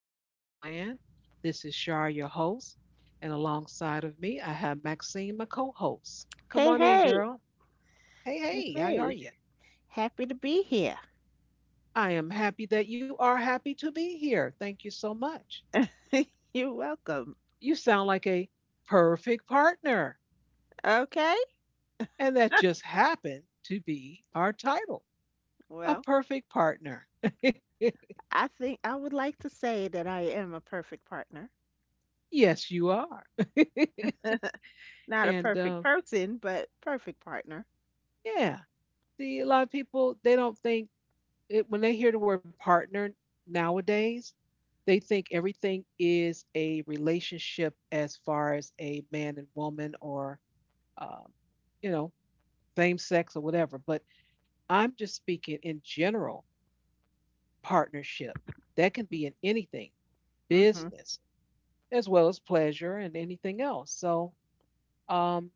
podcast land. This is Shar, your host, and alongside of me, I have Maxine, my co-host. Come Hey, on in, hey, girl. Hey, hey, how are hey. you? Happy to be here. I am happy that you are happy to be here. Thank you so much. You're welcome. You sound like a perfect partner, Okay. and that just happened to be our title, a Well, perfect partner. I think I would like to say that I am a perfect partner. Yes, you are. Not a and perfect um, person, but perfect partner. yeah, see, a lot of people they don't think it, when they hear the word partner nowadays, they think everything is a relationship as far as a man and woman or, um, you know, same sex or whatever. But I'm just speaking in general partnership. That can be in anything, Mm-hmm. business, as well as pleasure and anything else. So um,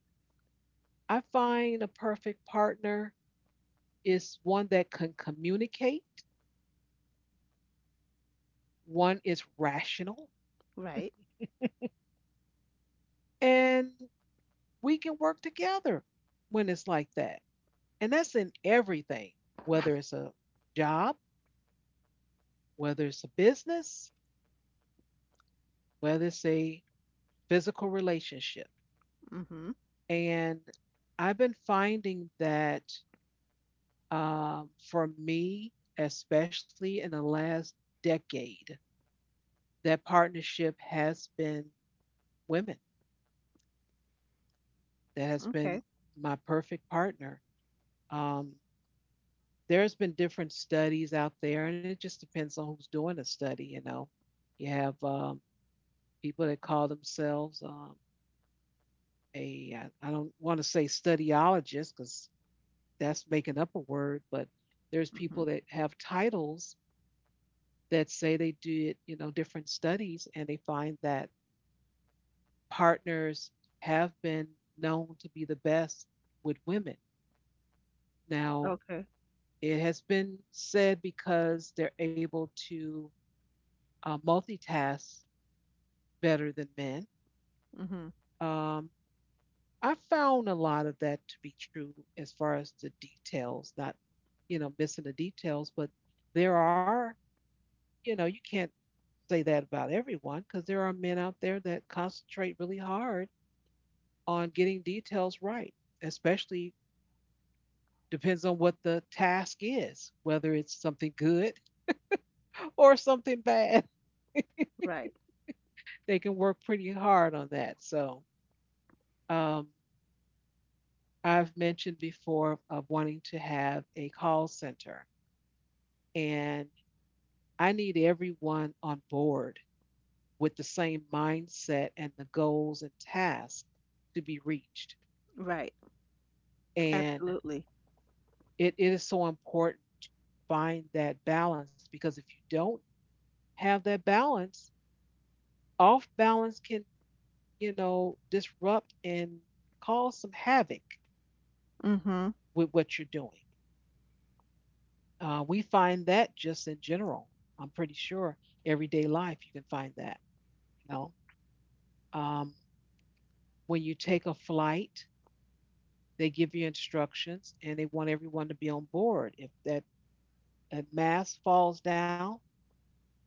I find a perfect partner is one that can communicate, one is rational, Right. and we can work together when it's like that. And that's in everything, whether it's a job, whether it's a business, whether it's a physical relationship. Mm-hmm. And I've been finding that for me, especially in the last decade, that partnership has been women. That has been Okay. my perfect partner. Um, there's been different studies out there, and it just depends on who's doing the study. You know, you have people that call themselves a I don't want to say studiologist because that's making up a word, but there's people Mm-hmm. that have titles that say they did different studies, and they find that partners have been known to be the best with women. Now, Okay. it has been said because they're able to multitask better than men. Mm-hmm. Um, I found a lot of that to be true as far as the details, not missing the details, but there are you can't say that about everyone because there are men out there that concentrate really hard on getting details right, especially depends on what the task is, whether it's something good or something bad. Right. They can work pretty hard on that. So, um, I've mentioned before of wanting to have a call center. And I need everyone on board with the same mindset and the goals and tasks to be reached. Right. And Absolutely. it is so important to find that balance because if you don't have that balance, off balance can disrupt and cause some havoc Mm-hmm. with what you're doing. We find that just in general. I'm pretty sure everyday life you can find that. You know, um, when you take a flight, they give you instructions and they want everyone to be on board. If that a mask falls down,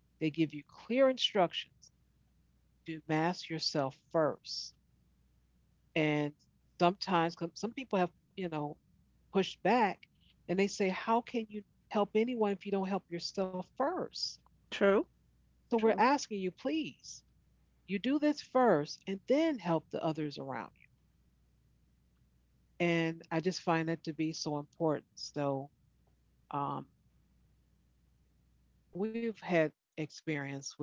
they give you clear instructions to mask yourself first. And sometimes, some people have pushed back and they say, "How can you help anyone if you don't help yourself first?" True. So we're True. asking you, please, you do this first and then help the others around you. And I just find that to be so important. So um, we've had experience with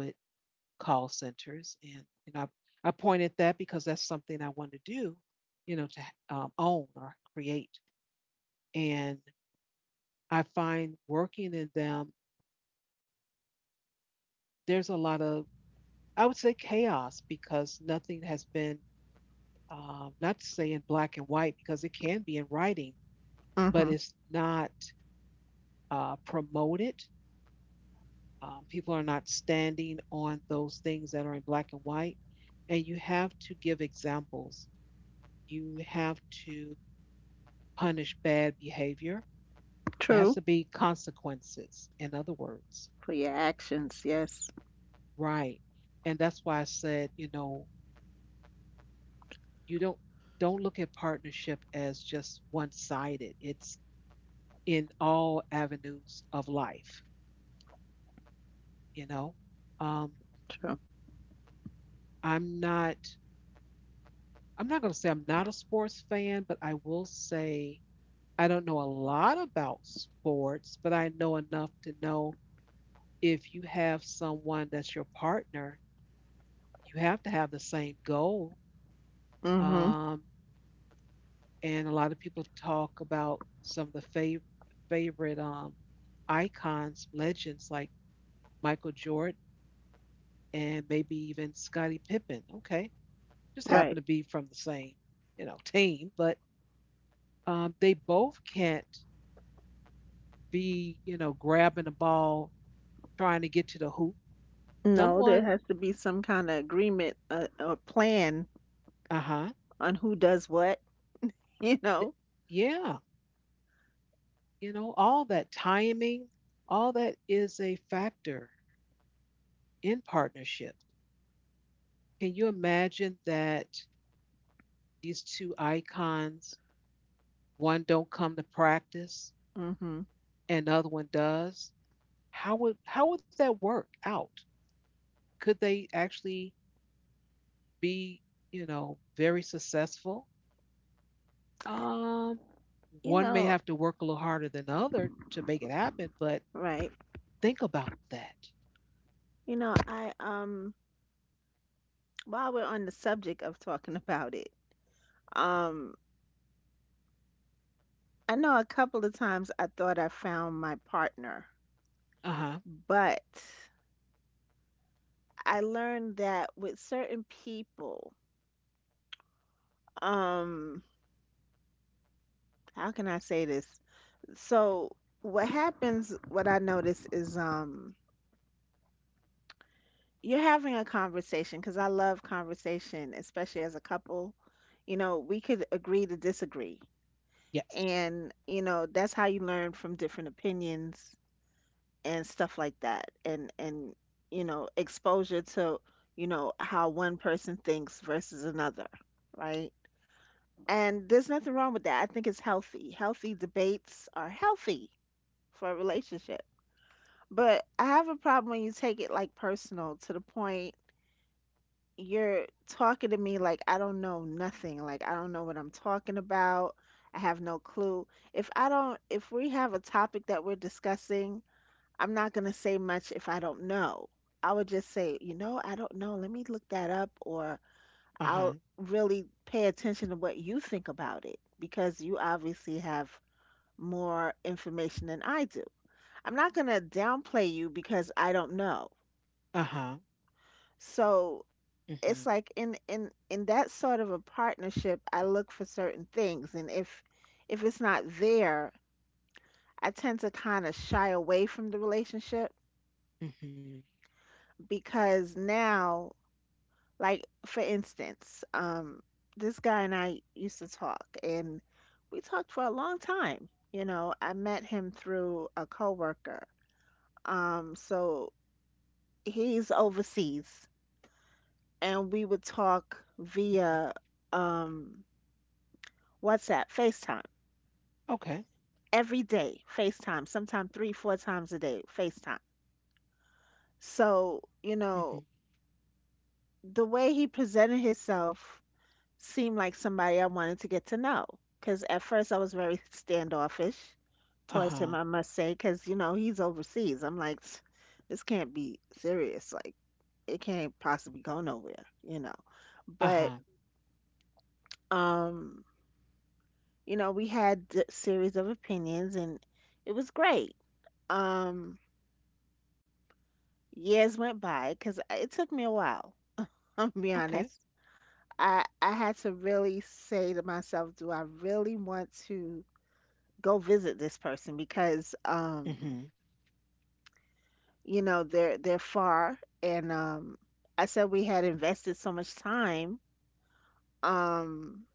call centers. And I pointed that because that's something I want to do, to own or create. And I find working in them, there's a lot of, I would say, chaos because nothing has been, not to say in black and white, because it can be in writing, but Mm-hmm. it's not promoted. People are not standing on those things that are in black and white. And you have to give examples. You have to punish bad behavior. It has True. to be consequences, in other words. For your actions. Yes. Right. And that's why I said, you don't look at partnership as just one-sided. It's in all avenues of life, you know. Um, True. I'm not I'm not going to say I'm not a sports fan, but I will say I don't know a lot about sports, but I know enough to know if you have someone that's your partner you have to have the same goal. Mm-hmm. Um, and a lot of people talk about some of the favorite icons, legends like Michael Jordan and maybe even Scottie Pippen. Okay, just happen Right. to be from the same team, but they both can't be grabbing the ball, trying to get to the hoop. No, there Someone. has to be some kind of agreement or plan Uh huh. on who does what, you th- know. yeah, all that timing, all that is a factor in partnership. Can you imagine that these two icons, one don't come to practice Hmm. and the other one does? How would that work out? Could they actually be very successful? Um, You One may know, have to work a little harder than the other to make it happen, but right. think about that. You know, I while we're on the subject of talking about it, um I know a couple of times I thought I found my partner, Uh huh. but I learned that with certain people, um how can I say this? So, what I notice is, you're having a conversation, because I love conversation, especially as a couple. You know, we could agree to disagree. Yes. And, you know, that's how you learn from different opinions and stuff like that. And, exposure to, how one person thinks versus another, right? And there's nothing wrong with that. I think it's healthy. Healthy debates are healthy for a relationship. But I have a problem when you take it like personal to the point you're talking to me like I don't know nothing. Like I don't know what I'm talking about. I have no clue. If I don't, if we have a topic that we're discussing, I'm not going to say much if I don't know. I would just say, you know, I don't know. Let me look that up, or Uh huh. I'll really pay attention to what you think about it because you obviously have more information than I do. I'm not going to downplay you because I don't know. Uh huh. So it's Mm-hmm. like in that sort of a partnership, I look for certain things, and if it's not there, I tend to kind of shy away from the relationship. Mm-hmm. Because now, like, for instance, this guy and I used to talk, and we talked for a long time. You know, I met him through a coworker. So he's overseas, and we would talk via, um WhatsApp, FaceTime, Okay. every day FaceTime, sometimes three, four times a day FaceTime. So, Mm-hmm. The way he presented himself seemed like somebody I wanted to get to know. Because at first I was very standoffish Uh towards him, I huh. must say, because, he's overseas. I'm like, "Tch, this can't be serious. Like, it can't possibly go nowhere. Uh But, huh. um, we had a series of opinions, and it was great. Um, Years went by because it took me a while. I'm gonna be Okay. honest. I had to really say to myself, do I really want to go visit this person? Because Mm-hmm. They're far, and I said we had invested so much time. Um,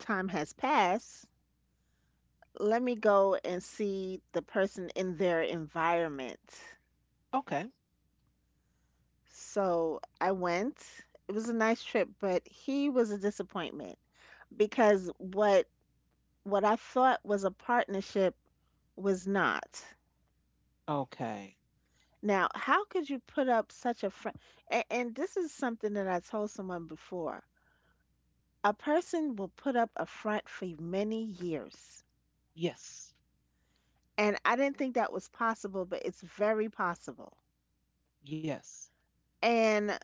Time has passed. Let me go and see the person in their environment. Okay. So I went. It was a nice trip, but he was a disappointment, because what I thought was a partnership was not. Okay. Now, how could you put up such a front? And this is something that I told someone before. A person will put up a front for many years. Yes. And I didn't think that was possible, but it's very possible. Yes. And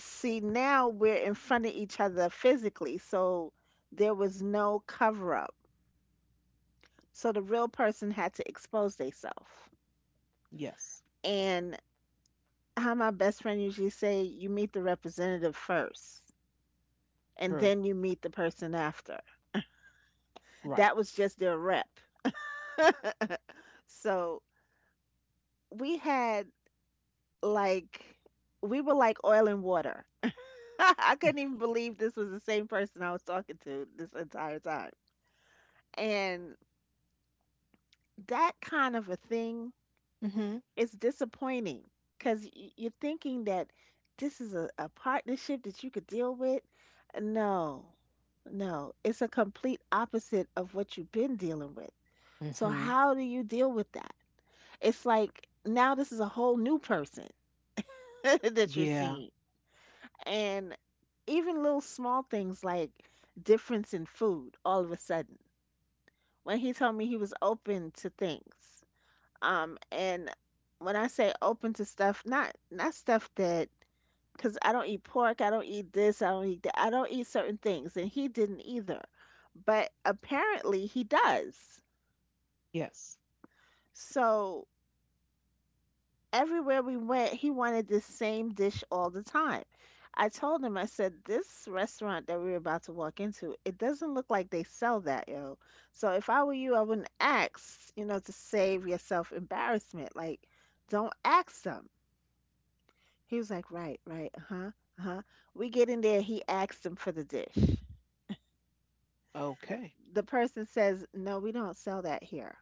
see, now we're in front of each other physically, so there was no cover up. So the real person had to expose themselves. Yes. And how my best friend usually say, you meet the representative first, and True. then you meet the person after. That Right. was just their rep. So, we had like we were like oil and water. I couldn't even believe this was the same person I was talking to this entire time. And that kind of a thing, Mm-hmm. it's disappointing, because you're thinking that this is a partnership that you could deal with. No, no, it's a complete opposite of what you've been dealing with. So, Mm-hmm. how do you deal with that? It's like, now this is a whole new person that you're Yeah. seeing. And even little small things, like difference in food all of a sudden. When he told me he was open to things, and when I say open to stuff, not stuff that, because I don't eat pork, I don't eat this, I don't eat that, I don't eat certain things, and he didn't either. But apparently he does. Yes. So everywhere we went, he wanted this same dish all the time. I told him, I said, this restaurant that we are about to walk into, it doesn't look like they sell that, yo. So if I were you, I wouldn't ask, to save yourself embarrassment. Like, don't ask them. He was like, right, right, uh huh, uh huh. We get in there, he asks them for the dish. Okay. The person says, "No, we don't sell that here."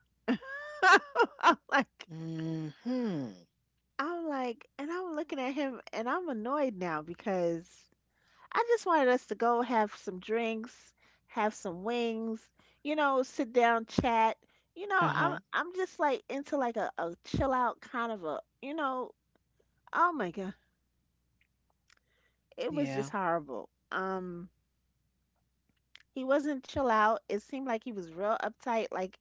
I'm like, Mm-hmm. And I'm looking at him, and I'm annoyed now, because I just wanted us to go have some drinks, have some wings, sit down, chat. You know, I'm Uh-huh. I'm just like into like a chill out kind of a, oh my God, it was just Yeah. horrible. He wasn't chill out. It seemed like he was real uptight, like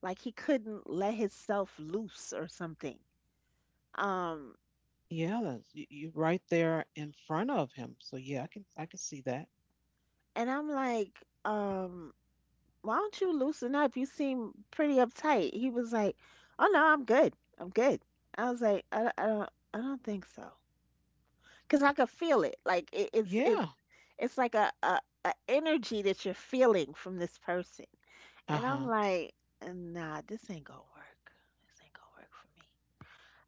like he couldn't let himself loose or something. Um, Yeah. That's, you right there in front of him. So yeah, I can see that. and I'm like, um, why don't you loosen up? You seem pretty uptight. He was like, oh no, I'm good. I'm good. I was like, I don't think so. Cause I could feel it. Like it, it's, it's, Yeah. it's like a energy that you're feeling from this person. And I'm Uh-huh. like, nah, this ain't gonna work. This ain't gonna work for me.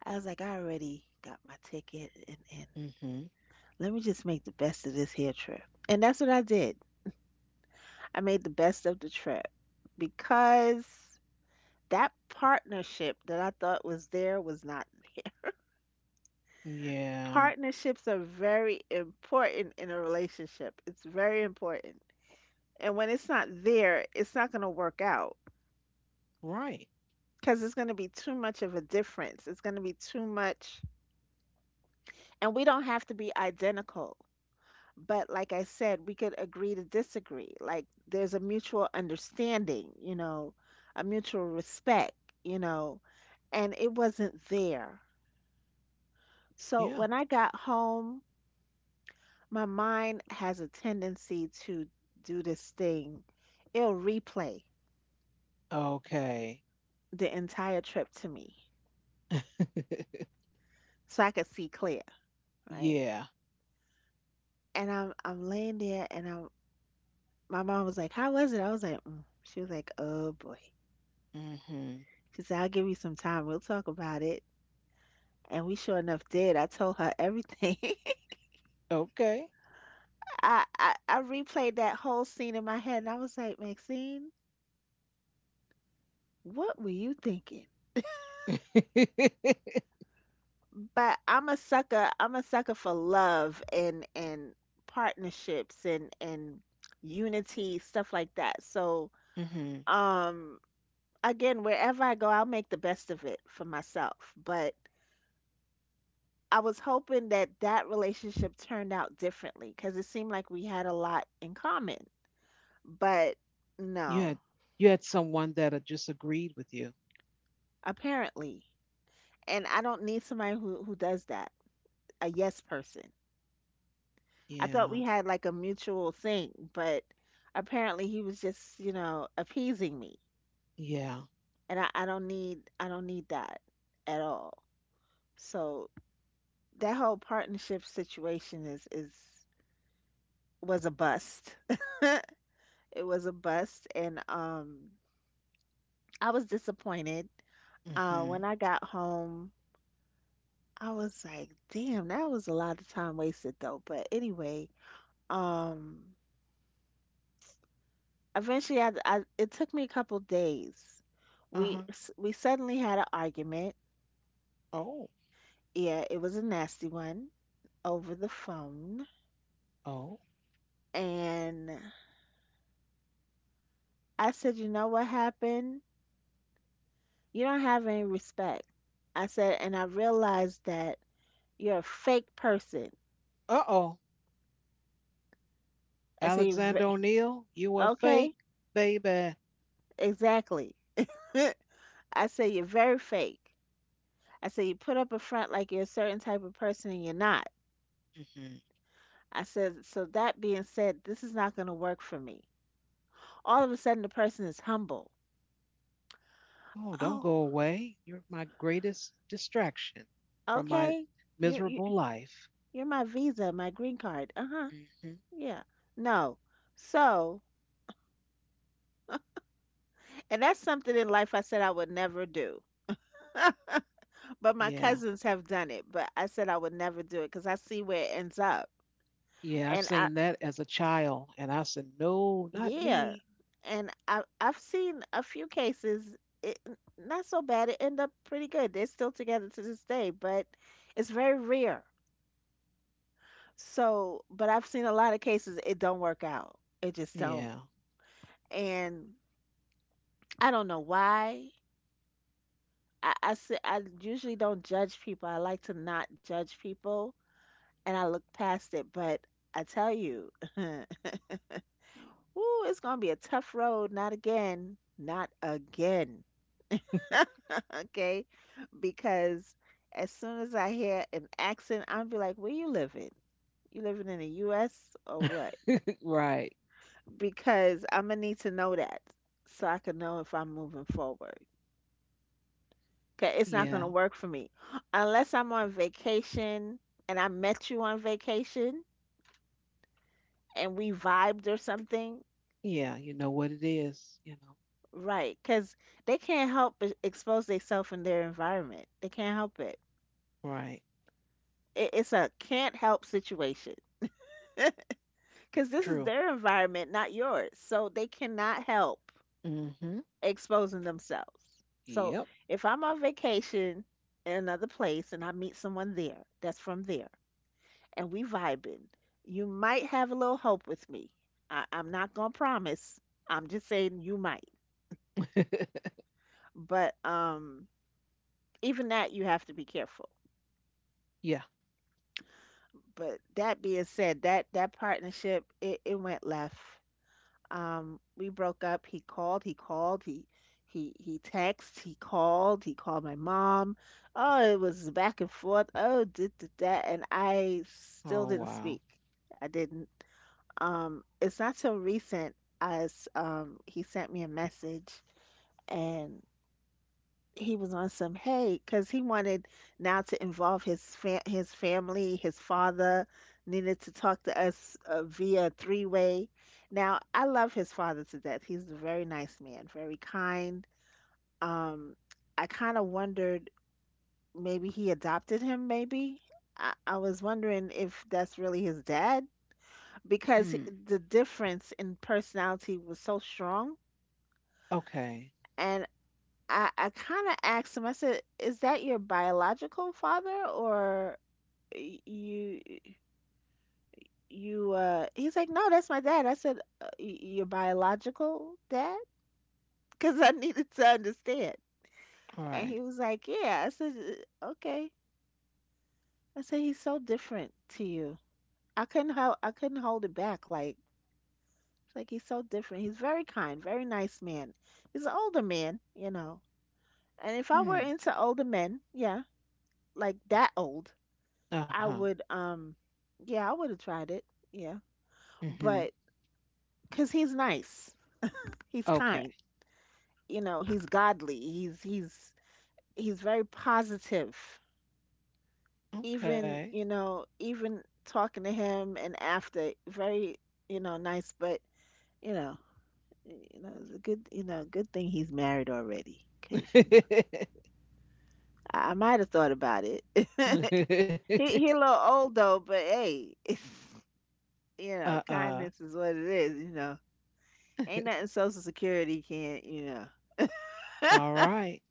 I was like, I already got my ticket, and Mm-hmm. let me just make the best of this here trip. And that's what I did. I made the best of the trip, because that partnership that I thought was there was not there. Yeah. Partnerships are very important in a relationship. It's very important. And when it's not there, it's not going to work out, Right. because it's going to be too much of a difference. It's going to be too much. And we don't have to be identical. But like I said, we could agree to disagree. Like there's a mutual understanding, a mutual respect, you know, and it wasn't there. So Yeah. when I got home, my mind has a tendency to do this thing. It'll replay Okay. the entire trip to me, so I could see clear, right? Yeah. And I'm laying there, and I'm my mom was like, "How was it?" I was like, mm. She was like, "Oh boy." Mm-hmm. She said, "I'll give you some time. We'll talk about it." And we sure enough did. I told her everything. Okay. I replayed that whole scene in my head, and I was like, Maxine, what were you thinking? But I'm a sucker. I'm a sucker for love, and partnerships, and unity, stuff like that. So, Mm-hmm. um, again, wherever I go, I'll make the best of it for myself. But I was hoping that that relationship turned out differently, because it seemed like we had a lot in common. But you no. had you had someone that had just agreed with you. Apparently. And I don't need somebody who does that. A yes person. I thought Yeah. we had like a mutual thing, but apparently he was just, appeasing me. Yeah. And I don't need that at all. So that whole partnership situation is was a bust. It was a bust, and I was disappointed. Uh Mm-hmm. when I got home, I was like, damn, that was a lot of time wasted, though. But anyway, um eventually, I it took me a couple days. we Uh-huh. s- we suddenly had an argument. Oh. Yeah, it was a nasty one, over the phone. Oh. And I said, you know what happened, you don't have any respect. I said, and I realized that you're a fake person. Uh-oh. I said, "You're Alexander ve-" O'Neill, you are Okay. fake, baby. Exactly. I said, you're very fake. I said, you put up a front like you're a certain type of person and you're not. Hmm. I said, so that being said, this is not going to work for me. All of a sudden the person is humble. Oh, don't Oh, go away. You're my greatest distraction from my okay. You're miserable you- life. you're my visa, my green card. Uh-huh. Hmm. Yeah. No. So, and that's something in life I said I would never do. But my Yeah. cousins have done it, but I said I would never do it because I see where it ends up. Yeah. I've And I, seen that as a child. And I said, no, not yeah, me. and I, I've seen a few cases, not so bad. It end up pretty good. They're still together to this day, but it's very rare. So, but I've seen a lot of cases it don't work out. It just don't. Yeah. And I don't know why. I usually don't judge people. I like to not judge people and I look past it. But I tell you, ooh, it's going to be a tough road. Not again. Not again. Okay? Because as soon as I hear an accent, I'll be like, where you living? You living in the US or what? Right. Because I'm gonna need to know that so I can know if I'm moving forward. Okay, it's not gonna Yeah. work for me unless I'm on vacation and I met you on vacation and we vibed or something, Yeah. You know what it is. right? Because they can't help but expose themselves in their environment. They can't help it. Right. It's a can't help situation. Because this is True. their environment, not yours. So they cannot help Mm-hmm. exposing themselves. So Yep. if I'm on vacation in another place and I meet someone there that's from there and we vibing, you might have a little hope with me. I'm not gonna promise. I'm just saying you might. But even that you have to be careful. Yeah. But that being said, that partnership it went left. We broke up. He texted, he called my mom. Oh, it was back and forth. Oh, did that and I Oh, still didn't wow. speak. I didn't. It's not so recent as he sent me a message and he was on some hay because he wanted now to involve his family. His father needed to talk to us via three way. Now I love his father to death. He's a very nice man, very kind. Um, I kind of wondered maybe he adopted him. Maybe I was wondering if that's really his dad because Hmm. the difference in personality was so strong. Okay. And I kind of asked him. I said, "Is that your biological father or y- you he's like, "No, that's my dad." I said, "Your biological dad?" Cuz I needed to understand. All And right. he was like, "Yeah." I said, "Okay." I said, "He's so different to you." I couldn't hold it back like it's like he's so different. He's very kind, very nice man. He's an older man, you know. And if I were Hmm. into older men, yeah, like that old, Uh I huh. would yeah, I would have tried it. Yeah. Mm-hmm. But cuz he's nice. He's Okay. kind. You know, he's godly. He's very positive. Even, Okay. you know, even talking to him and after very, nice, but you know, it's a good, good thing he's married already cuz I might have thought about it. He a little old though, but hey, Uh uh. kindness is what it is. Ain't nothing Social Security can't. All right.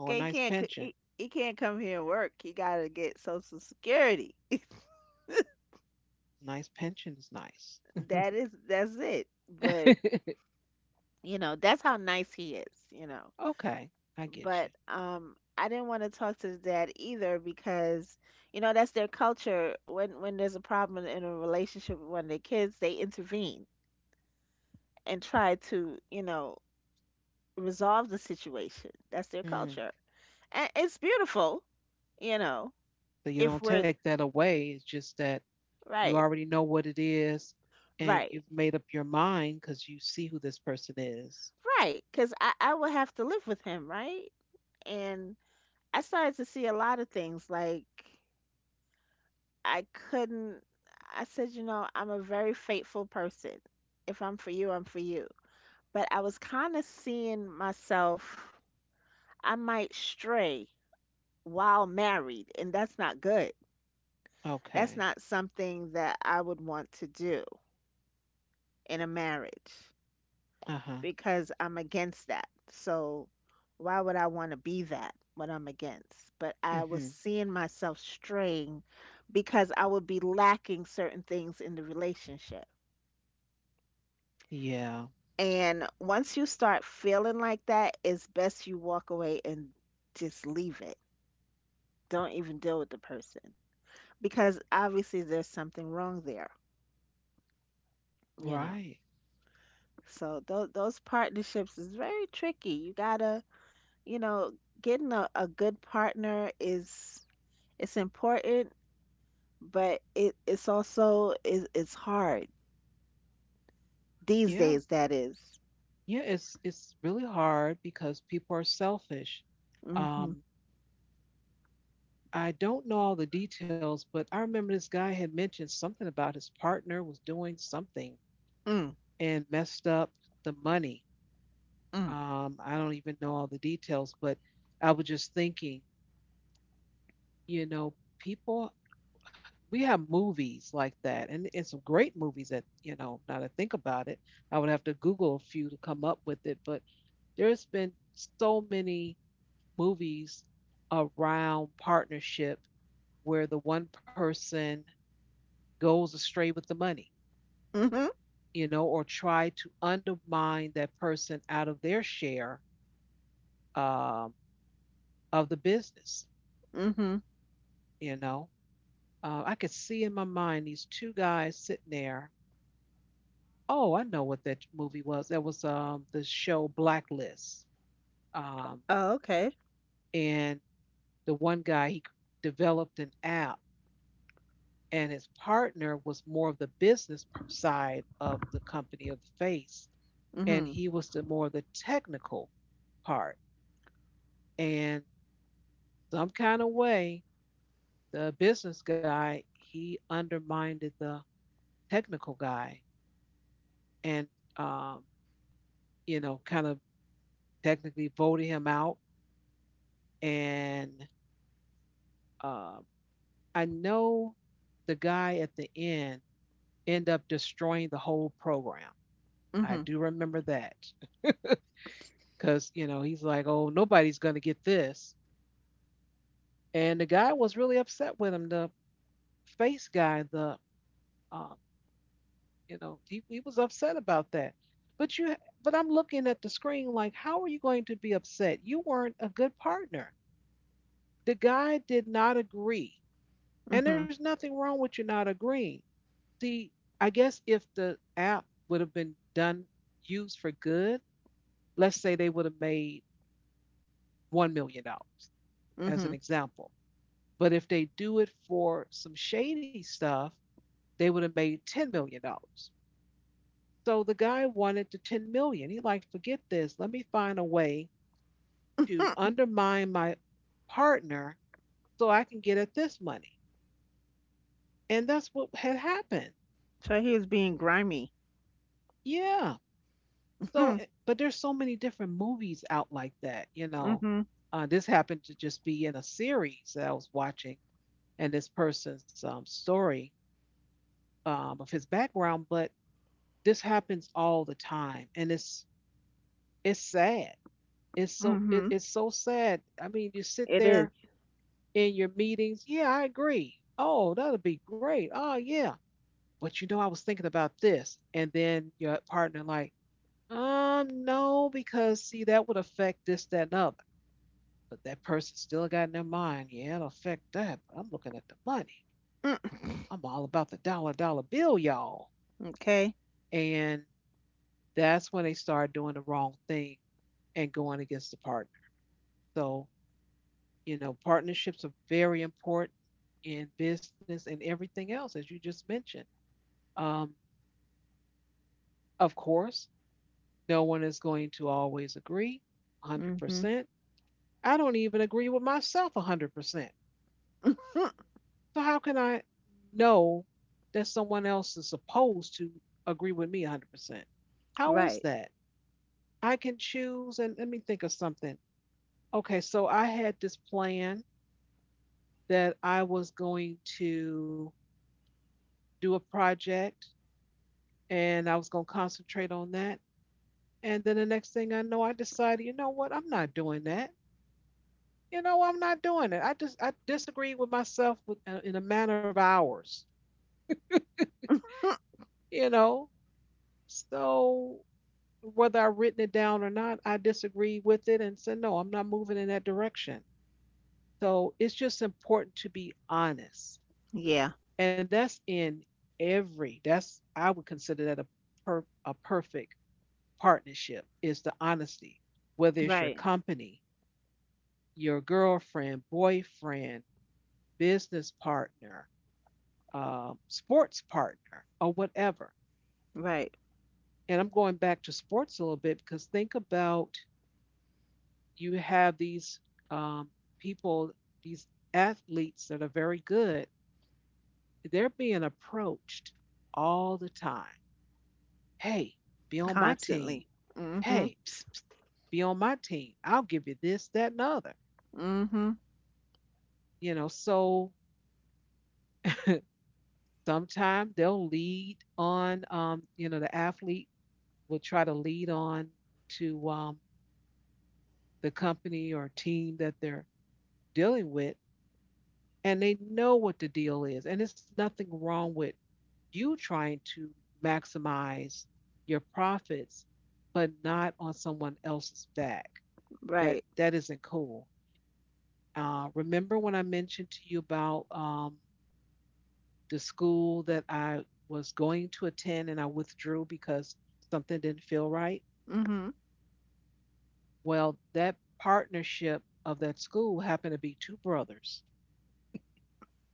Oh, a Okay, He nice can't c- he, pension. he can't come here and work. He gotta get Social Security. Nice pension is nice. That's it. But that's how nice he is. Okay. I get But you. I didn't want to talk to the dad either because that's their culture. When there's a problem in a relationship with one of their kids, they intervene and try to, resolve the situation. That's their Mm. culture. And it's beautiful, you know, So you if don't we're take that away. It's just that you right. already know what it is and Right. you've made up your mind because you see who this person is. Right. Because I would have to live with him, right? And I started to see a lot of things. Like, I couldn't, I said, I'm a very faithful person. If I'm for you, I'm for you. But I was kind of seeing myself, I might stray while married, and that's not good. Okay. That's not something that I would want to do in a marriage. Uh huh. Because I'm against that. So why would I want to be that when I'm against? But I was Hmm. seeing myself straying because I would be lacking certain things in the relationship. Yeah, And once you start feeling like that, it's best you walk away and just leave it. Don't even deal with the person because obviously there's something wrong there, you know. right. So those partnerships is very tricky. You gotta, you know, getting a good partner is It's important, but it's also it's hard these Yeah. days. That is. Yeah, it's really hard because people are selfish. Mhm. Um, I don't know all the details, but I remember this guy had mentioned something about his partner was doing something Mm. and messed up the money. Mm. I don't even know all the details, but I was just thinking, you know, people we have movies like that and some great movies that now to think about it I would have to Google a few to come up with it, but there's been so many movies around partnership where the one person goes astray with the money, Mhm. Mm, you know or try to undermine that person out of their share, um, of the business, mhm. you know I could see in my mind these two guys sitting there. Oh, I know what that movie was. That was the show Blacklist. Um, Oh, okay. and the one guy he developed an app, and his partner was more of the business side of the company, of the face, and Mm, he was the more the technical part. And some kind of way, the business guy he undermined the technical guy, and um, kind of technically voted him out and uh, I know the guy at the end end up destroying the whole program. mhm. I Mm, do remember that because he's like, "Oh, nobody's gonna get this," and the guy was really upset with him. The face guy, the um, he was upset about that. But you, but I'm looking at the screen like, how are you going to be upset? You weren't a good partner. The guy did not agree, mhm. and there's Mm, nothing wrong with you not agreeing. See, I guess if the app would have been done used for good, let's say they would have made $1 million mhm. Mm, as an mhm. example. But if they do it for some shady stuff, they would have made $10 million. So the guy wanted the 10 million dollars. He like, forget this. Let me find a way to undermine my partner so I can get at this money. And that's what had happened. So he is being grimy. Yeah. Mm, So, mhm. But there's so many different movies out like that. Mm-hmm, mhm. This happened to just be in a series that I was watching, and this person's story of his background. But this happens all the time, and it's sad. It's Mm, so it, mhm. it's so sad. I mean, you sit It is. there in your meetings. Yeah, I agree. Oh, that'll be great. Oh, yeah. But I was thinking about this, and then your partner like, no, because see, that would affect this, that, and other. But that person still got in their mind, yeah, it'll affect that. But I'm looking at the money. Mm. I'm all about the dollar dollar bill, y'all. Okay. And that's when they start doing the wrong thing and going against the partner. So partnerships are very important in business and everything else, as you just mentioned. Um, of course, no one is going to always agree Mm, mhm. 100%. I don't even agree with myself 100%. Mm. So how can I know that someone else is supposed to agree with me 100%? How is Right. that? I can choose and let me think of something. Okay, so I had this plan that I was going to do a project and I was going to concentrate on that. And then the next thing I know, I decided, you know what? I'm not doing that. You know, I'm not doing it. I just I disagreed with myself with, in a matter of hours. Mm. You know, so whether I written it down or not, I disagreed with it and said, no, I'm not moving in that direction. So it's just important to be honest. Yeah. And that's in I would consider that a perfect partnership is the honesty, whether it's your Right. company, your girlfriend, boyfriend, business partner, sports partner, or whatever. Right. And I'm going back to sports a little bit because think about you have these um, people, these athletes that are very good, they're being approached all the time. Hey, be on my team. Constantly. Mm, mhm. Hey, psst, psst, be on my team. I'll give you this, that, and the other. Mm, mhm. You know, so sometimes they'll lead on, you know, the athlete will try to lead on to the company or team that they're dealing with, and they know what the deal is. And there's nothing wrong with you trying to maximize your profits, but not on someone else's back. That Right. that isn't cool. Remember when I mentioned to you about the school that I was going to attend and I withdrew because something didn't feel right? Mm, mhm. Well, that partnership of that school happened to be two brothers.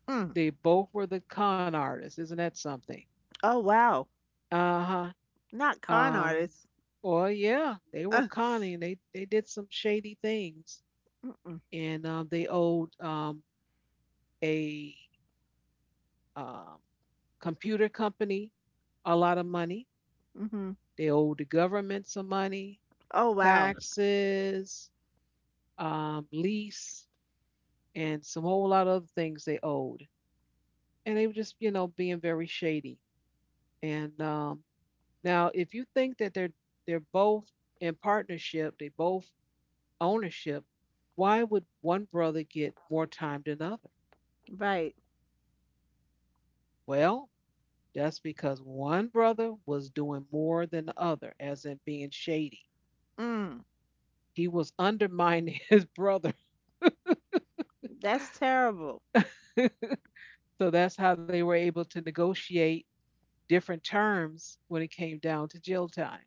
Mm. They both were the con artists. Isn't that something? Oh, wow. Uh huh. Not con Uh, artists. Well, yeah, they were conning. They did some shady things, and they owed a um, computer company a lot of money. Mhm. They owed the government some money, Oh, wow. taxes, lease, and some whole lot of other things they owed. And they were just, you know, being very shady. And now, if you think that they're both in partnership, they both ownership. Why would one brother get more time than other? Right. Well, that's because one brother was doing more than the other, as in being shady. Mm. He was undermining his brother. That's terrible. So that's how they were able to negotiate different terms when it came down to jail time.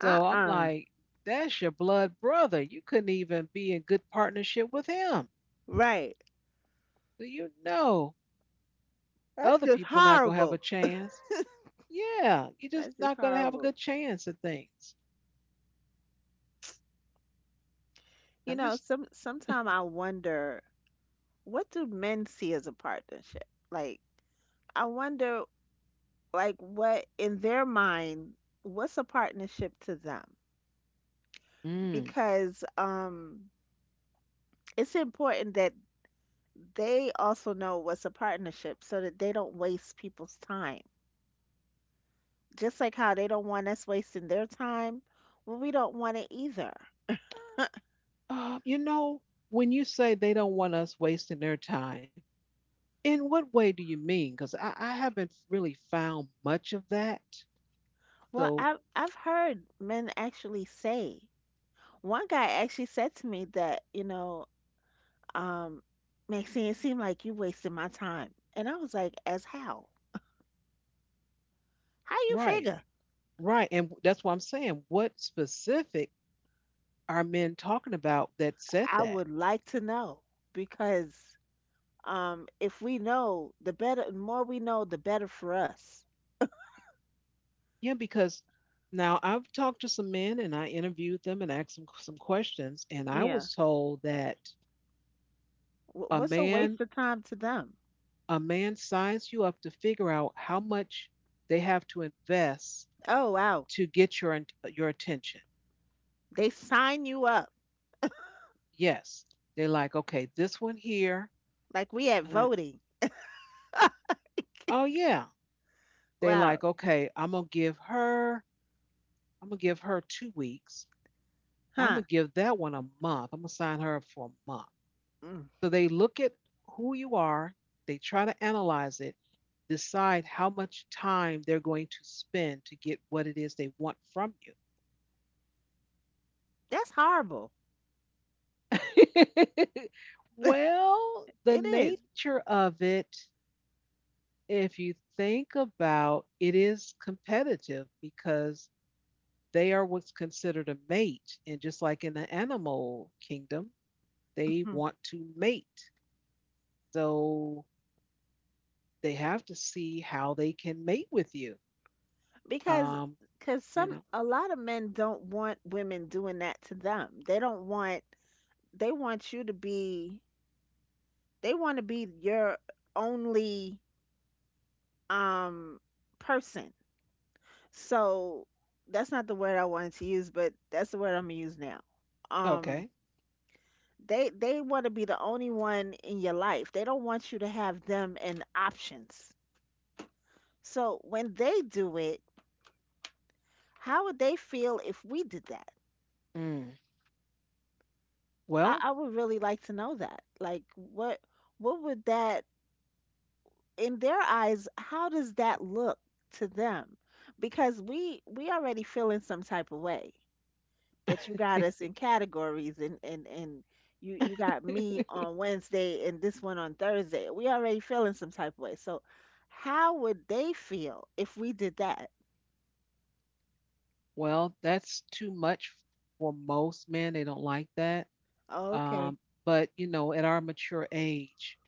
So I'm Uh-uh. like, that's your blood brother. You couldn't even be in good partnership with him. Right. So you know That's other just people not gonna have a horrible. chance. Yeah, you're That's just just not gonna have a horrible. good chance at things. You I'm know, just some sometime I wonder, what do men see as a partnership? Like I wonder, like, what in their mind, what's a partnership to them? mm. Because it's important that they also know what's a partnership so that they don't waste people's time. Just like how they don't want us wasting their time, well, we don't want it either. You know, when you say they don't want us wasting their time, in what way do you mean? Because I haven't really found much of that. Well, So, I've heard men actually say. One guy actually said to me that, um, Maxine, it seemed like you wasted my time. And I was like, as how? How you right, figure? right. And that's why I'm saying, what specific are men talking about that said I that? would like to know because if we know, the better, the more we know, the better for us. Yeah, because now I've talked to some men and I interviewed them and asked them some questions, and I Yeah. was told that Wh- a What's a waste man of time to them? a man signs you up to figure out how much they have to invest Oh, wow. to get your attention. They sign you up Yes, they like okay, this one here. like we at Uh, voting. oh yeah, they Wow. like okay. I'm gonna give her. I'm gonna give her 2 weeks. I'm gonna Huh. give that one a month. I'm gonna sign her up for a month. Mm. So they look at who you are. They try to analyze it, decide how much time they're going to spend to get what it is they want from you. That's horrible. Well, the It is. nature of it if you think about it is competitive because they are what's considered a mate. And just like in the animal kingdom, they want to mate. So they have to see how they can mate with you. Because Um, cuz you some know, a lot of men don't want women doing that to them. They don't want, they want you to be they want to be your only um person. So that's not the word I wanted to use, but that's the word I'm going to use now. Um okay. they want to be the only one in your life. They don't want you to have them and options. So when they do it, how would they feel if we did that? Mm. I, Well, I would really like to know that. Like what would that, in their eyes, how does that look to them? Because we already feel in some type of way that you got us in categories, and you got me on Wednesday and this one on Thursday. We already feel in some type of way. So how would they feel if we did that? well, that's too much for most men. They don't like that. Oh, okay. Um, but, you know, at our mature age,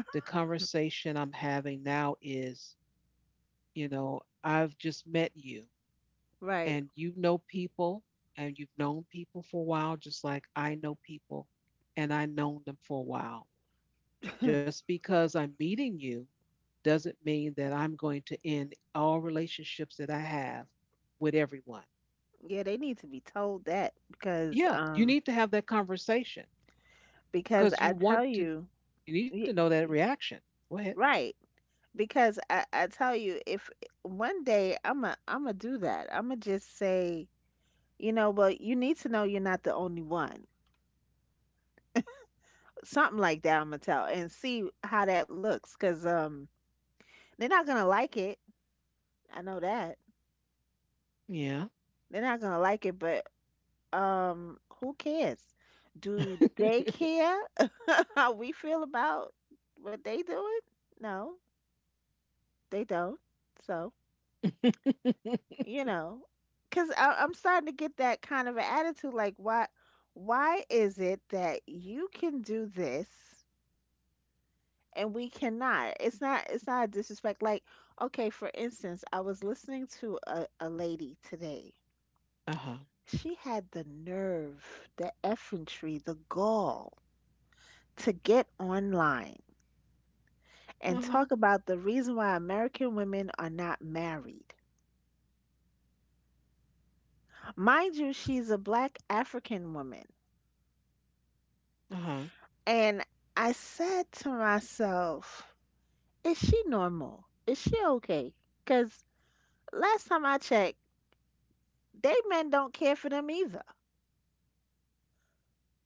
the conversation I'm having now is you know, I've just met you Right. and you know people and you've known people for a while, just like I know people and I've known them for a while. Just because I'm meeting you doesn't mean that I'm going to end all relationships that I have with everyone. Yeah, they need to be told that Yeah, you need to have that conversation because because I you tell want to, you, you need to y- know that y- reaction. Go ahead. right. Because I tell you, if one day I'm gonna do that. I'm gonna just say, well, you need to know you're not the only one. Something like that. I'm gonna tell and see how that looks. Cause they're not gonna like it. I know that Yeah. they're not gonna like it. But who cares? Do they Uh care how we feel about what they doing? No, they don't. So. you know, because I'm starting to get that kind of an attitude, like, why, is it that you can do this and we cannot? It's not a disrespect. Like, okay, for instance, I was listening to a lady today. huh. She had the nerve, the effrontery, the gall to get online Uh and huh. talk about the reason why American women are not married. Mind you, she's a black African woman. Uh huh. And I said to myself, is she normal? Is she okay? Because last time I checked, they men don't care for them either.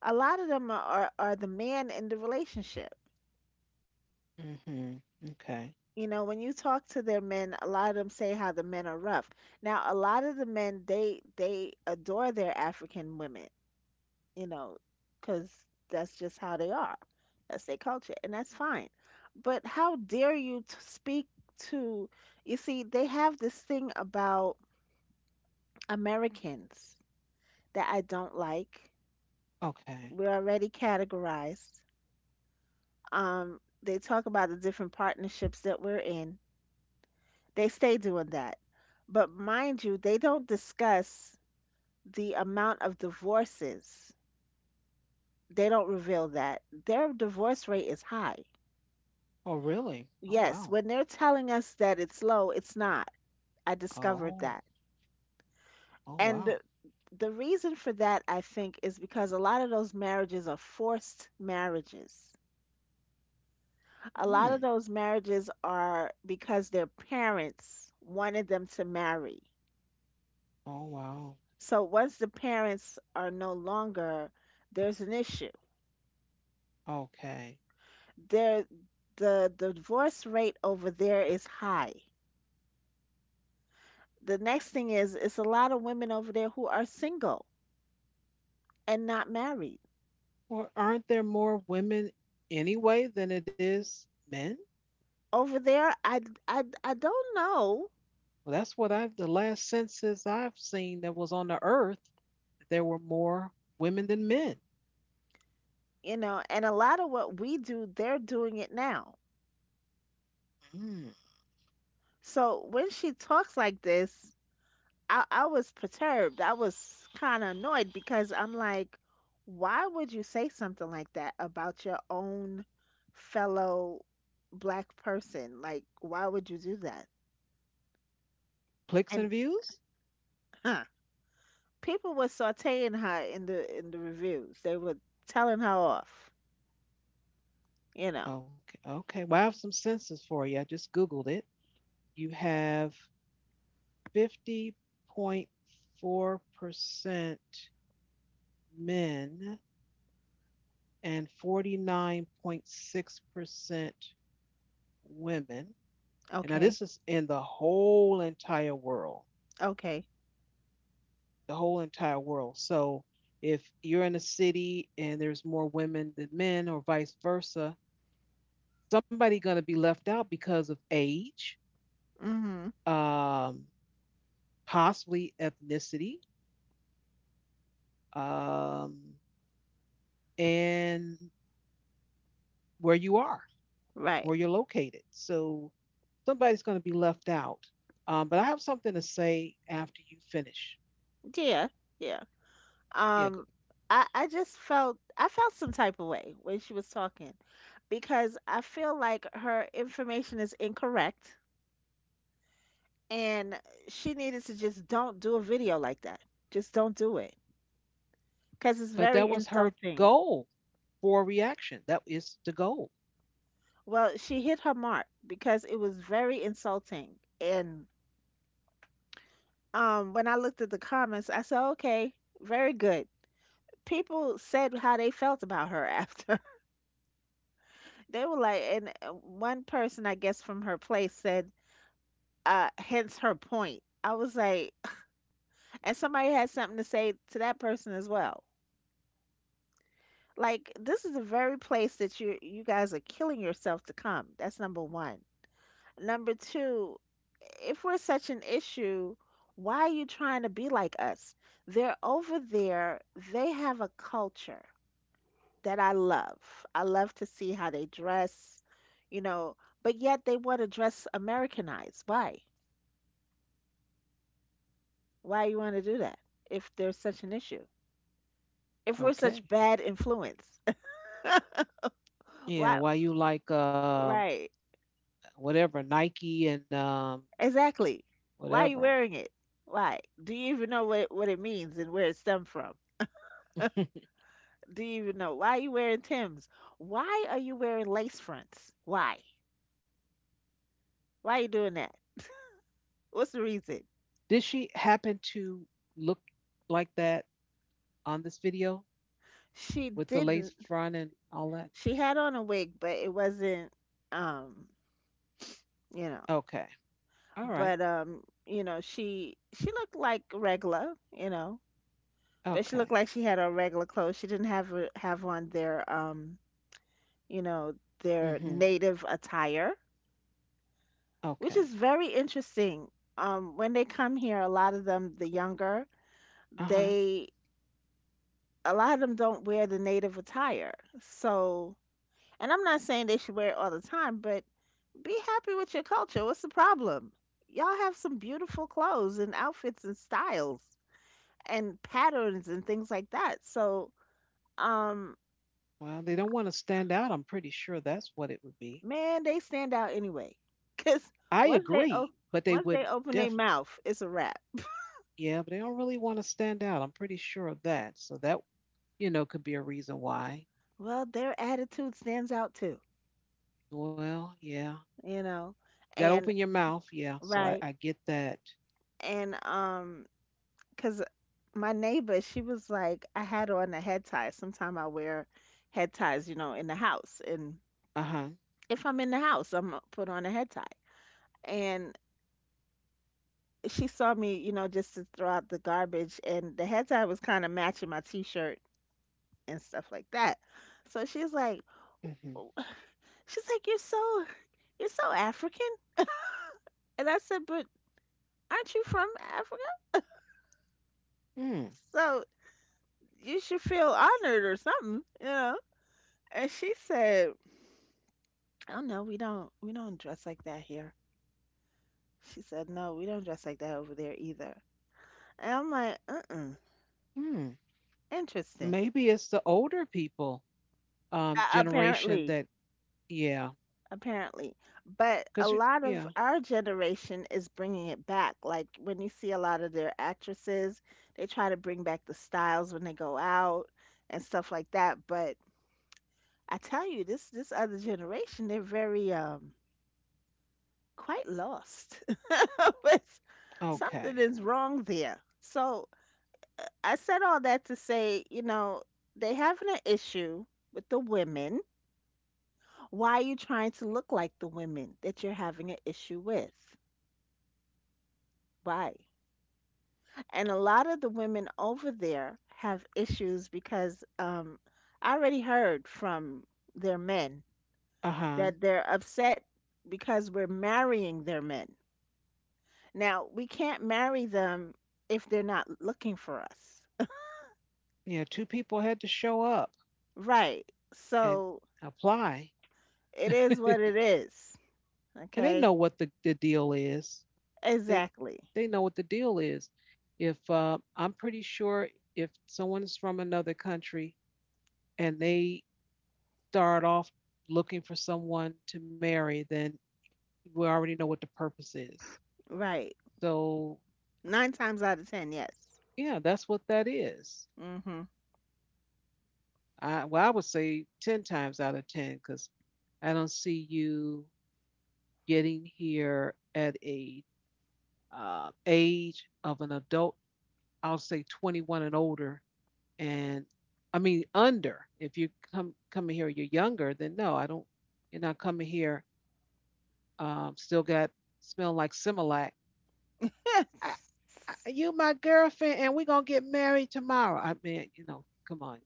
A lot of them are the man in the relationship. Hmm. Okay. You know, when you talk to their men, a lot of them say how the men are rough. Now, a lot of the men, they adore their African women. You know, because that's just how they are. That's their culture, and that's fine. But how dare you speak to, you see, they have this thing about Americans that I don't like. Okay. We're already categorized. They talk about the different partnerships that we're in. They stay doing that. But mind you, they don't discuss the amount of divorces. They don't reveal that. Their divorce rate is high. Oh, really? Oh, wow. Yes, when they're telling us that it's low, it's not. I discovered Oh, that. oh, wow. And the reason for that, I think, is because a lot of those marriages are forced marriages. A Hmm. lot of those marriages are because their parents wanted them to marry. Oh, wow. So once the parents are no longer, there's an issue. Okay. There, the divorce rate over there is high. The next thing is, it's a lot of women over there who are single and not married. Well, aren't there more women anyway than it is men? Over there, I don't know. Well, that's what I've, the last census I've seen that was on the earth, there were more women than men. And a lot of what we do, they're doing it now. Hmm. So when she talks like this, I was perturbed. I was kind of annoyed because I'm like, why would you say something like that about your own fellow black person? Like, why would you do that? Clicks And and views? huh, people were sauteing her in the reviews. They were telling her off, you know Okay. Okay. Well, I have some census for you. I just Googled it. You have 50.4% men and 49.6% women. And now this okay. is in the whole entire world, Okay. the whole entire world. So if you're in a city and there's more women than men or vice versa, somebody going to be left out because of age, Mm-hmm. um, possibly ethnicity, um, and where you are, where Right. you're located. So somebody's going to be left out. But I have something to say after you finish. Yeah, yeah. Yeah, Um, go- I just felt, I felt some type of way when she was talking, because I feel like her information is incorrect and she needed to just don't do a video like that. Just don't do it because it's but that very was her insulting. goal for reaction. That is the goal. Well, she hit her mark because it was very insulting. And when I looked at the comments, I said, okay, very good. People said how they felt about her after. They were like, and one person, I guess, from her place said, hence her point. I was like, and somebody had something to say to that person as well. Like, this is the very place that you guys are killing yourself to come. That's number one. Number two, if we're such an issue, why are you trying to be like us? They're over there. They have a culture that I love. I love to see how they dress, you know, but yet they want to dress Americanized. Why? Why you want to do that if there's such an issue? If we're such Okay. bad influence? Why? Yeah, why you like Right. whatever Nike and Exactly. Why are you whatever. wearing it? Why? Do you even know what it means and where it stemmed from? Do you even know? Why are you wearing Tim's? Why are you wearing lace fronts? Why? Why are you doing that? What's the reason? Did she happen to look like that on this video She with the lace didn't. front and all that? She had on a wig, but it wasn't, um, you know, Okay. All right. but you know, she looked like regular, you know, but she looked Okay. like she had on regular clothes. She didn't have on their, you know, their Mm-hmm. native attire, which Okay. is very interesting. When they come here, a lot of them, the younger, Uh-huh. they, a lot of them don't wear the native attire. So, and I'm not saying they should wear it all the time, but be happy with your culture. What's the problem? Y'all have some beautiful clothes and outfits and styles and patterns and things like that. So, um, Well, they don't want to stand out. I'm pretty sure that's what it would be. man, they stand out anyway. Cause I once they agree, o- but they once they would open their definitely. mouth, it's a wrap. Yeah, but they don't really want to stand out. I'm pretty sure of that. So that, you know, could be a reason why. Well, their attitude stands out too, Well, yeah. you know. You got to open And your mouth. Yeah. So I, right, I get that. and cause my neighbor, she was like, I had on a head tie. Sometime I wear head ties, you know, in the house, and Uh-huh. if I'm in the house, I'm gonna put on a head tie. And she saw me, you know, just to throw out the garbage, and the head tie was kind of matching my t-shirt and stuff like that. So she's like, Mm-hmm. "Oh," she's like, you're so African. And I said, but aren't you from Africa? Mm. So you should feel honored or something, you know? And she said, oh no, we don't dress like that here. She said, no, we don't dress like that over there either. And I'm like, uh-uh, Hmm. interesting. Maybe it's the older people generation Apparently, that yeah apparently. But cause you, a lot yeah, of our generation is bringing it back. Like when you see a lot of their actresses, they try to bring back the styles when they go out and stuff like that. But I tell you, this other generation, they're very quite lost. But something okay, is wrong there. So I said all that to say, you know, they having an issue with the women. Why are you trying to look like the women that you're having an issue with? Why? And a lot of the women over there have issues because I already heard from their men uh huh, that they're upset because we're marrying their men. Now, we can't marry them if they're not looking for us. yeah. Two people had to show up Right. and So apply, it is what and it is. they know Okay. what the deal is. They Exactly. they know what the deal is. If I'm pretty sure if someone's from another country and they start off looking for someone to marry, then we already know what the purpose is. Right. So Nine times out of ten, yes. yeah, that's what that is. Mm-hmm. Well, I would say ten times out of ten because I don't see you getting here at a age of an adult. I'll say 21 and older, and I mean under. If you come coming here, you're younger. Then no, I don't. You're not coming here. Still got smell like Similac. I, you my girlfriend, and we're gonna get married tomorrow. I mean, you know, come on.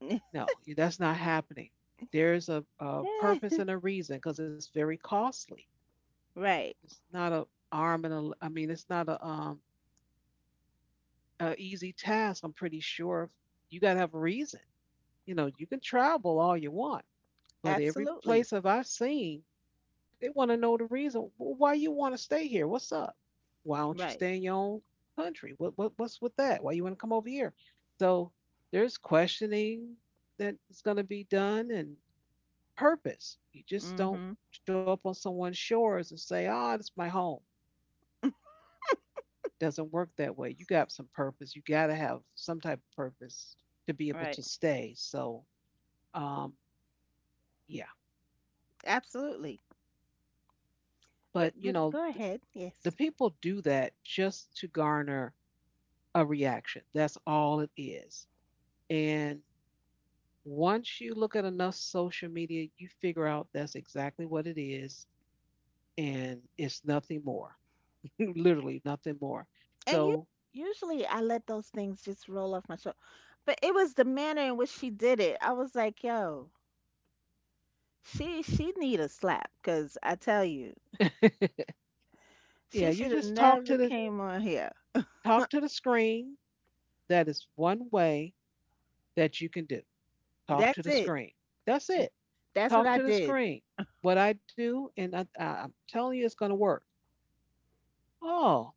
No, that's not happening. There's a purpose and a reason because it's very costly. Right. It's not a arm and a. I mean, it's not a easy task, I'm pretty sure you got to have a reason. You know, you can travel all you want, but every Absolutely. place that I've seen, they want to know the reason. "Well, why you want to stay here. What's up? Why don't you Right. stay in your own country? What's with that? Why you want to come over here?" So there's questioning that's going to be done and purpose. You just don't Hmm. show up on someone's shores and say, "Ah, oh, this is my home." Doesn't work that way. You got some purpose. You got to have some type of purpose to be able Right. to stay. So, um, yeah. Absolutely. But, But you but know, go ahead. the Yes. people do that just to garner a reaction. That's all it is. And once you look at enough social media, you figure out that's exactly what it is. And it's nothing more, literally nothing more. And you So, usually, I let those things just roll off my shoulder. But it was the manner in which she did it. I was like, yo, she need a slap, cuz I tell you, yeah, she you should have just never came on here. talk to the screen. That is one way that you can do. Talk to That's the it. screen. That's And it. that's what Talk I to the did. screen. What I do, and I'm telling you, it's going to work. Oh,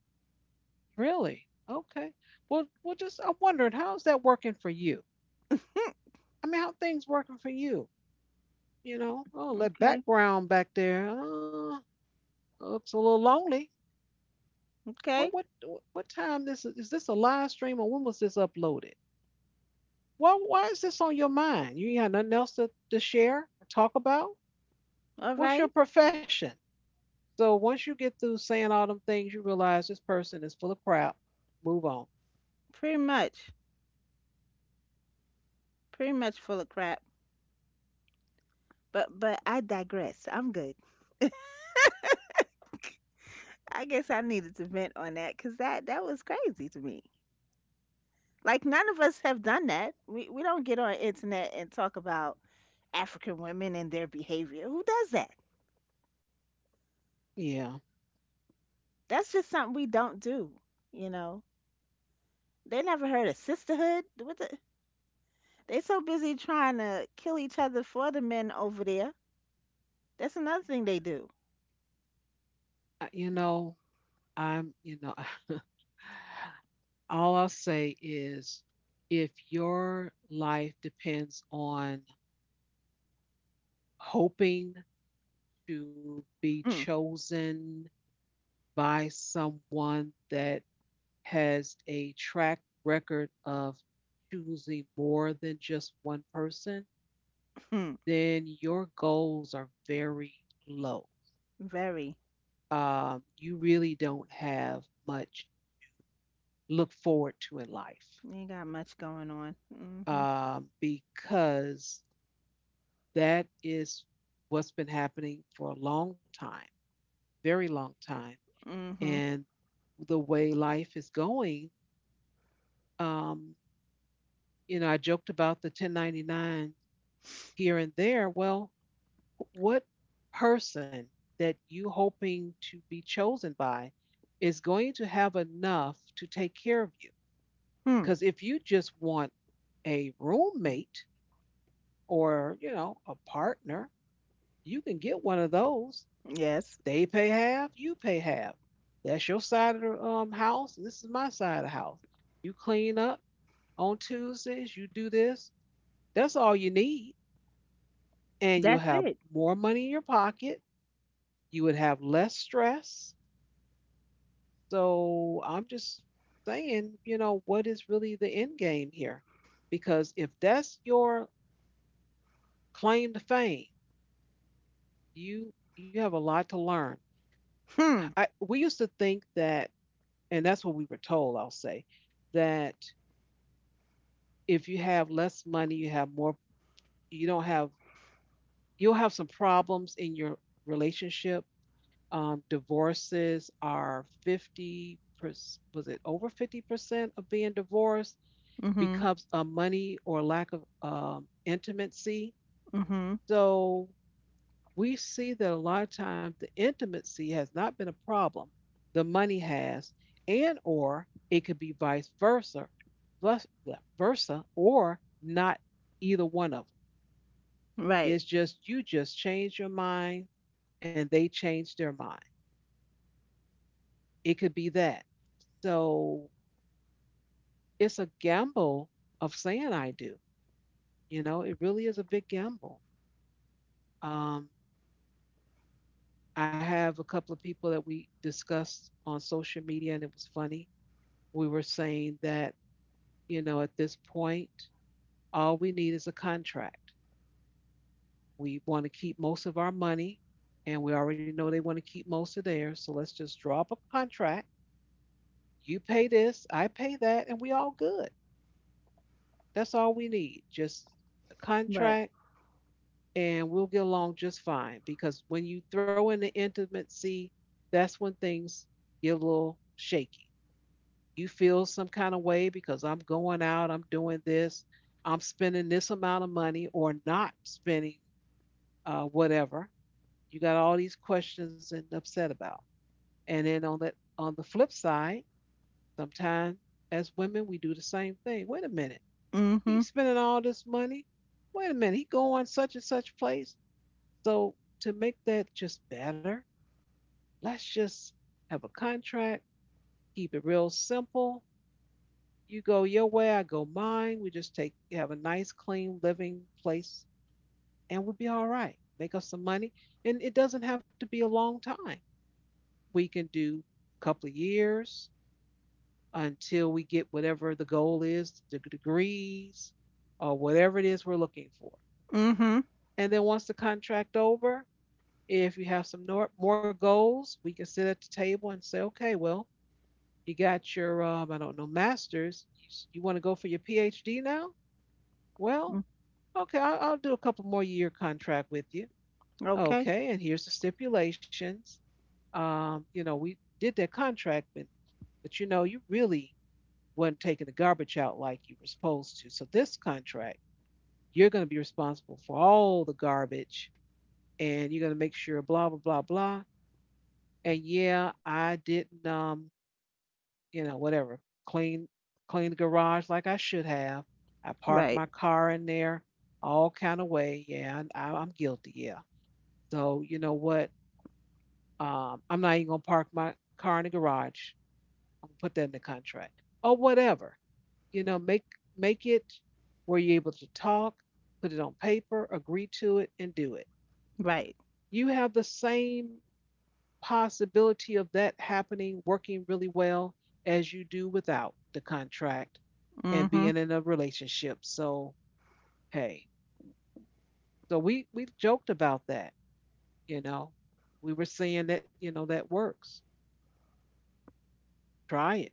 really? Okay. Well, well, just I'm wondering how's that working for you? Hmm. I mean, how things working for you? You know, oh, that Okay. background back there looks a little lonely. What Okay. what what time this is this a live stream or when was this uploaded? Why is this on your mind? You ain't got nothing else to share, or talk about? All What's your right. profession? So once you get through saying all them things, you realize this person is full of crap. Move on. Pretty much. Pretty much full of crap. But I digress. I'm good. I guess I needed to vent on that because that was crazy to me. Like none of us have done that. We don't get on internet and talk about African women and their behavior. Who does that? Yeah. That's just something we don't do. You know, they never heard of sisterhood. What the? They so busy trying to kill each other for the men over there. That's another thing they do. I- You know, I'm, you know, all I'll say is if your life depends on hoping to be Mm, chosen by someone that has a track record of choosing more than just one person, mm, then your goals are very low. very. You really don't have much look forward to in life Ain't got much going on. Mm. Mhm. Because that is what's been happening for a long time, very long time. Mm. Mhm. And the way life is going, um, you know, I joked about the 1099 here and there. Well, what person that you hoping to be chosen by is going to have enough to take care of you? Hmm. Because if you just want a roommate or, you know, a partner, you can get one of those. Yes. They pay half, you pay half. That's your side of the house, this is my side of the house. You clean up on Tuesdays, you do this. That's all you need. And you'll That's have it. more money in your pocket. You would have less stress. So I'm just saying, you know, what is really the end game here? Because if that's your claim to fame, you have a lot to learn. Hmm. I we used to think that, and that's what we were told, I'll say, that if you have less money, you have more, you don't have, you'll have some problems in your relationship. Divorces are 50%, was it over 50% of being divorced Mhm. becomes a money or lack of intimacy. Mhm. So we see that a lot of times the intimacy has not been a problem, the money has, and or it could be vice versa well, versa or not, either one of them. Right. It's just you just change your mind and they change their mind, it could be that. So it's a gamble of saying I do. You know, it really is a big gamble. um, I have a couple of people that we discussed on social media and it was funny. We were saying that, you know, at this point, all we need is a contract. We want to keep most of our money, and we already know they want to keep most of theirs. So let's just draw up a contract. You pay this, I pay that, and we all good. That's all we need. Just a Right. contract, and we'll get along just fine. Because when you throw in the intimacy, that's when things get a little shaky. You feel some kind of way because I'm going out, I'm doing this, I'm spending this amount of money or not spending, whatever. You got all these questions and upset about. And then on the flip side, sometimes as women we do the same thing. Wait a minute, Mhm. he's spending all this money. Wait a minute, he going such and such place. So to make that just better, let's just have a contract, keep it real simple. You go your way, I go mine. We just take have a nice, clean living place, and we'll be all right. Make us some money, and it doesn't have to be a long time. We can do a couple of years until we get whatever the goal is, the degrees, or whatever it is we're looking for. Mhm. And then once the contract over, if you have some more goals, we can sit at the table and say, okay, well, you got your, I don't know, master's. You want to go for your PhD now? Well, Mm. okay, I'll do a couple more year contract with you. Okay. Okay, and here's the stipulations. You know, we did that contract, but you know, you really wasn't taking the garbage out like you were supposed to. So this contract, you're going to be responsible for all the garbage and you're going to make sure blah blah blah blah. And yeah, I didn't you know, whatever, clean clean the garage like I should have. I parked Right. my car in there all kind of way. Yeah, I'm guilty. Yeah. So you know what? I'm not even gonna park my car in the garage. I'm gonna put that in the contract or whatever. You know, make it where you're able to talk, put it on paper, agree to it, and do it. Right. You have the same possibility of that happening working really well as you do without the contract and Mhm. being in a relationship. So hey, so we joked about that, you know. We were saying that, you know, that works, try it.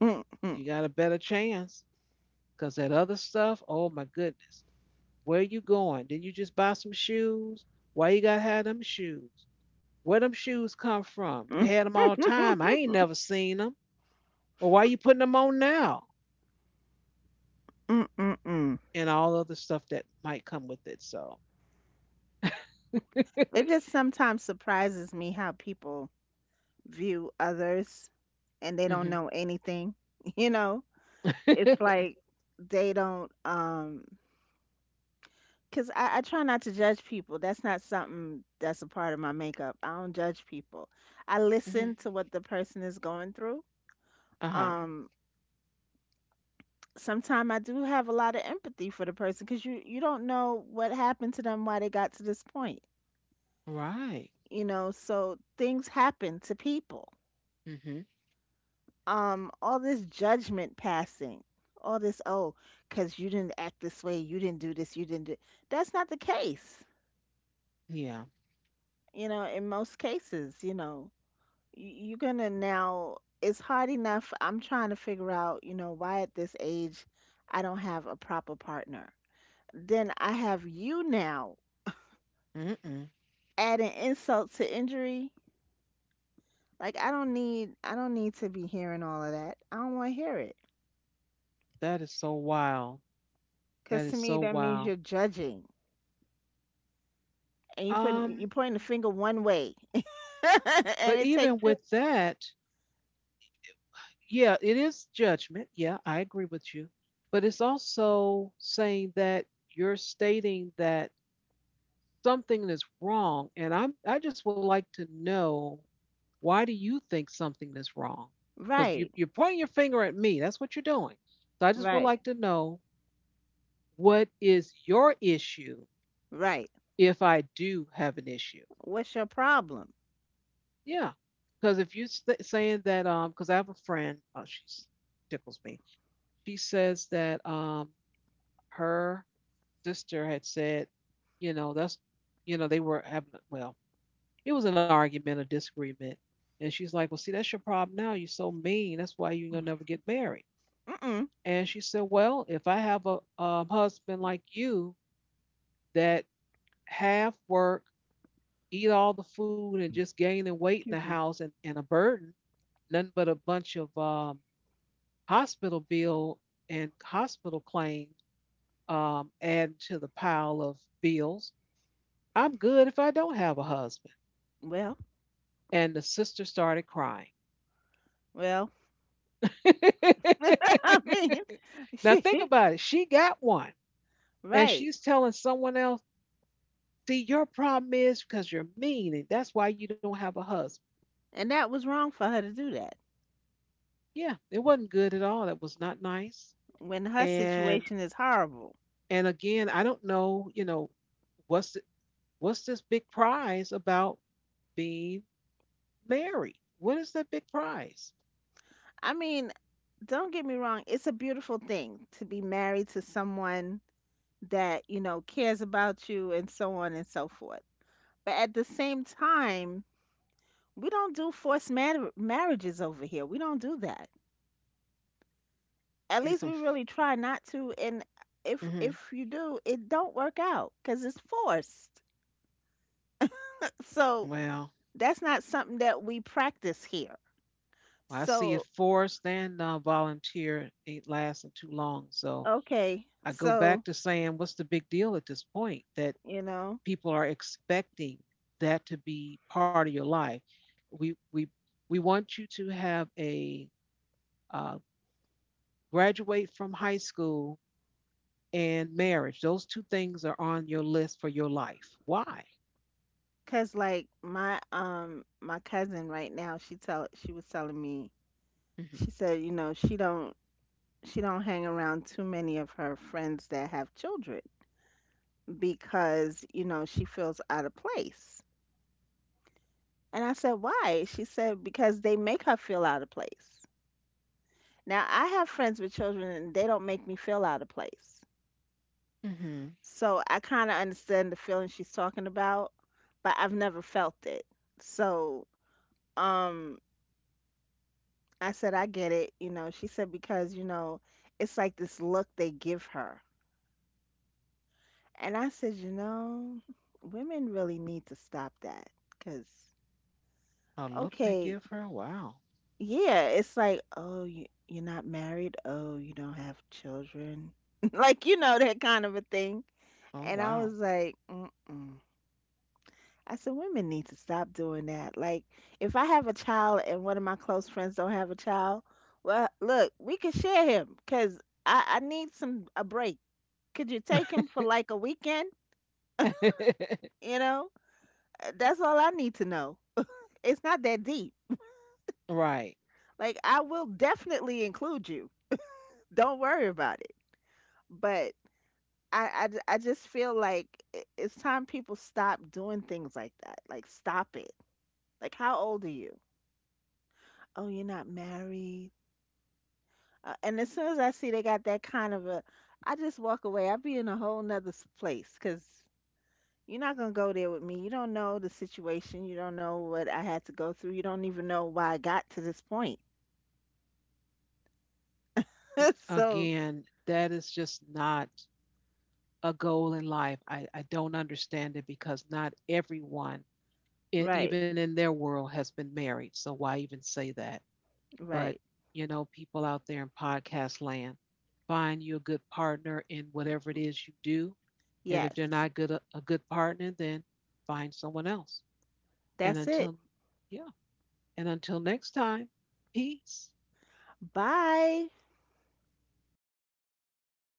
Mm, mm, You got a better chance, because that other stuff, oh my goodness. Where you going? Did you just buy some shoes? Why you gotta have them shoes? Where them shoes come from? You mm. had them all the time. I ain't never seen them. Well, why you putting them on now? Mm, mm, mm. And all other stuff that might come with it. So, It just sometimes surprises me how people view others and they don't mm-hmm. know anything. You know, it's like they don't cuz I try not to judge people. That's not something that's a part of my makeup. I don't judge people. I Mm-hmm. listen to what the person is going through. Uh huh. Um Sometimes I do have a lot of empathy for the person because you don't know what happened to them, why they got to this point, Right. you know. So things happen to people. Mm-hmm. All this judgment passing, all this oh, because you didn't act this way, you didn't do this, you didn't do. That's not the case, Yeah. you know. In most cases, you know, you're gonna now. It's hard enough. I'm trying to figure out, you know, why at this age I don't have a proper partner. Then I have you now Mm-mm. adding insult to injury. Like I don't need to be hearing all of that. I don't want to hear it That is so wild. That because to is me so that means wild. you're judging, and you putting, you Um, pointing the finger one way, but and it even takes two. with that, yeah, it is judgment. Yeah, I agree with you. But it's also saying that you're stating that something is wrong. And I just would like to know, why do you think something is wrong? Because Right, you're pointing your finger at me. That's what you're doing. So I just would right, like to know what is your issue right. if I do have an issue. What's your problem? Yeah. Because if you're saying that, because I have a friend, oh, she tickles me. She says that her sister had said, you know, that's, you know, they were having, well, it was an argument, a disagreement. And she's like, well, see, that's your problem now. You're so mean. That's why you're going to never get married. Mm-mm. And she said, well, if I have a husband like you that half work, eat all the food, and just gaining weight in the Excuse me. house and a burden, nothing but a bunch of hospital bill and hospital claims add to the pile of bills. I'm good if I don't have a husband. Well, And the sister started crying. well. I mean, Now think she about it. She got one and right, she's telling someone else, see, your problem is because you're mean and that's why you don't have a husband. and that was wrong for her to do that Yeah, it wasn't good at all. It was not nice. when her And situation is horrible. and again, I don't know, you know, what's the, what's this big prize about being married? What is that big prize? I mean, don't get me wrong, it's a beautiful thing to be married to someone that, you know, cares about you and so on and so forth. But at the same time, we don't do marriages over here. We don't do that. At Be least some. we really try not to, and if Hmm. You do, it don't work out cuz it's forced. So, Well, that's not something that we practice here. well, I see it So, forced and volunteer ain't lasting too long. So okay. I go So, back to saying, what's the big deal at this point that you know, people are expecting that to be part of your life? We we want you to have a uh, graduate from high school and marriage. Those two things are on your list for your life. Why? cause like my my cousin right now, she was telling me, Hmm. she said, you know, she don't hang around too many of her friends that have children because, you know, she feels out of place. And I said, why? She said, because they make her feel out of place. Now, I have friends with children and they don't make me feel out of place. Hmm. So I kind of understand the feeling she's talking about, but I've never felt it. So, um, I said, I get it. You know, she said, because, you know, it's like this look they give her. And I said, you know, women really need to stop that. Because, Oh, look they okay, give her. Wow. yeah, it's like, oh, you, you're not married. Oh, you don't have children. Like, you know, that kind of a thing. Oh And I was wow. like, mm-mm. I said, women need to stop doing that. Like, if I have a child and one of my close friends don't have a child, well, look, we can share him because I need some a break. Could you take him for like a weekend? You know, uh, that's all I need to know. It's not that deep. Right. Like, I will definitely include you. Don't worry about it. But I just feel like it's time people stop doing things like that. Like, stop it. Like, how old are you? Oh, you're not married. And as soon as I see they got that kind of a, I just walk away. I be in a whole nother place because you're not gonna go there with me. You don't know the situation. You don't know what I had to go through. You don't even know why I got to this point. So Again, that is just not a goal in life. I don't understand it because not everyone, right, even in their world, has been married. So why even say that? But, right, you know, people out there in podcast land, find you a good partner in whatever it is you do. And if they're yes, not good a good partner, then find someone else. And that's it. until yeah, and until next time, peace. Bye.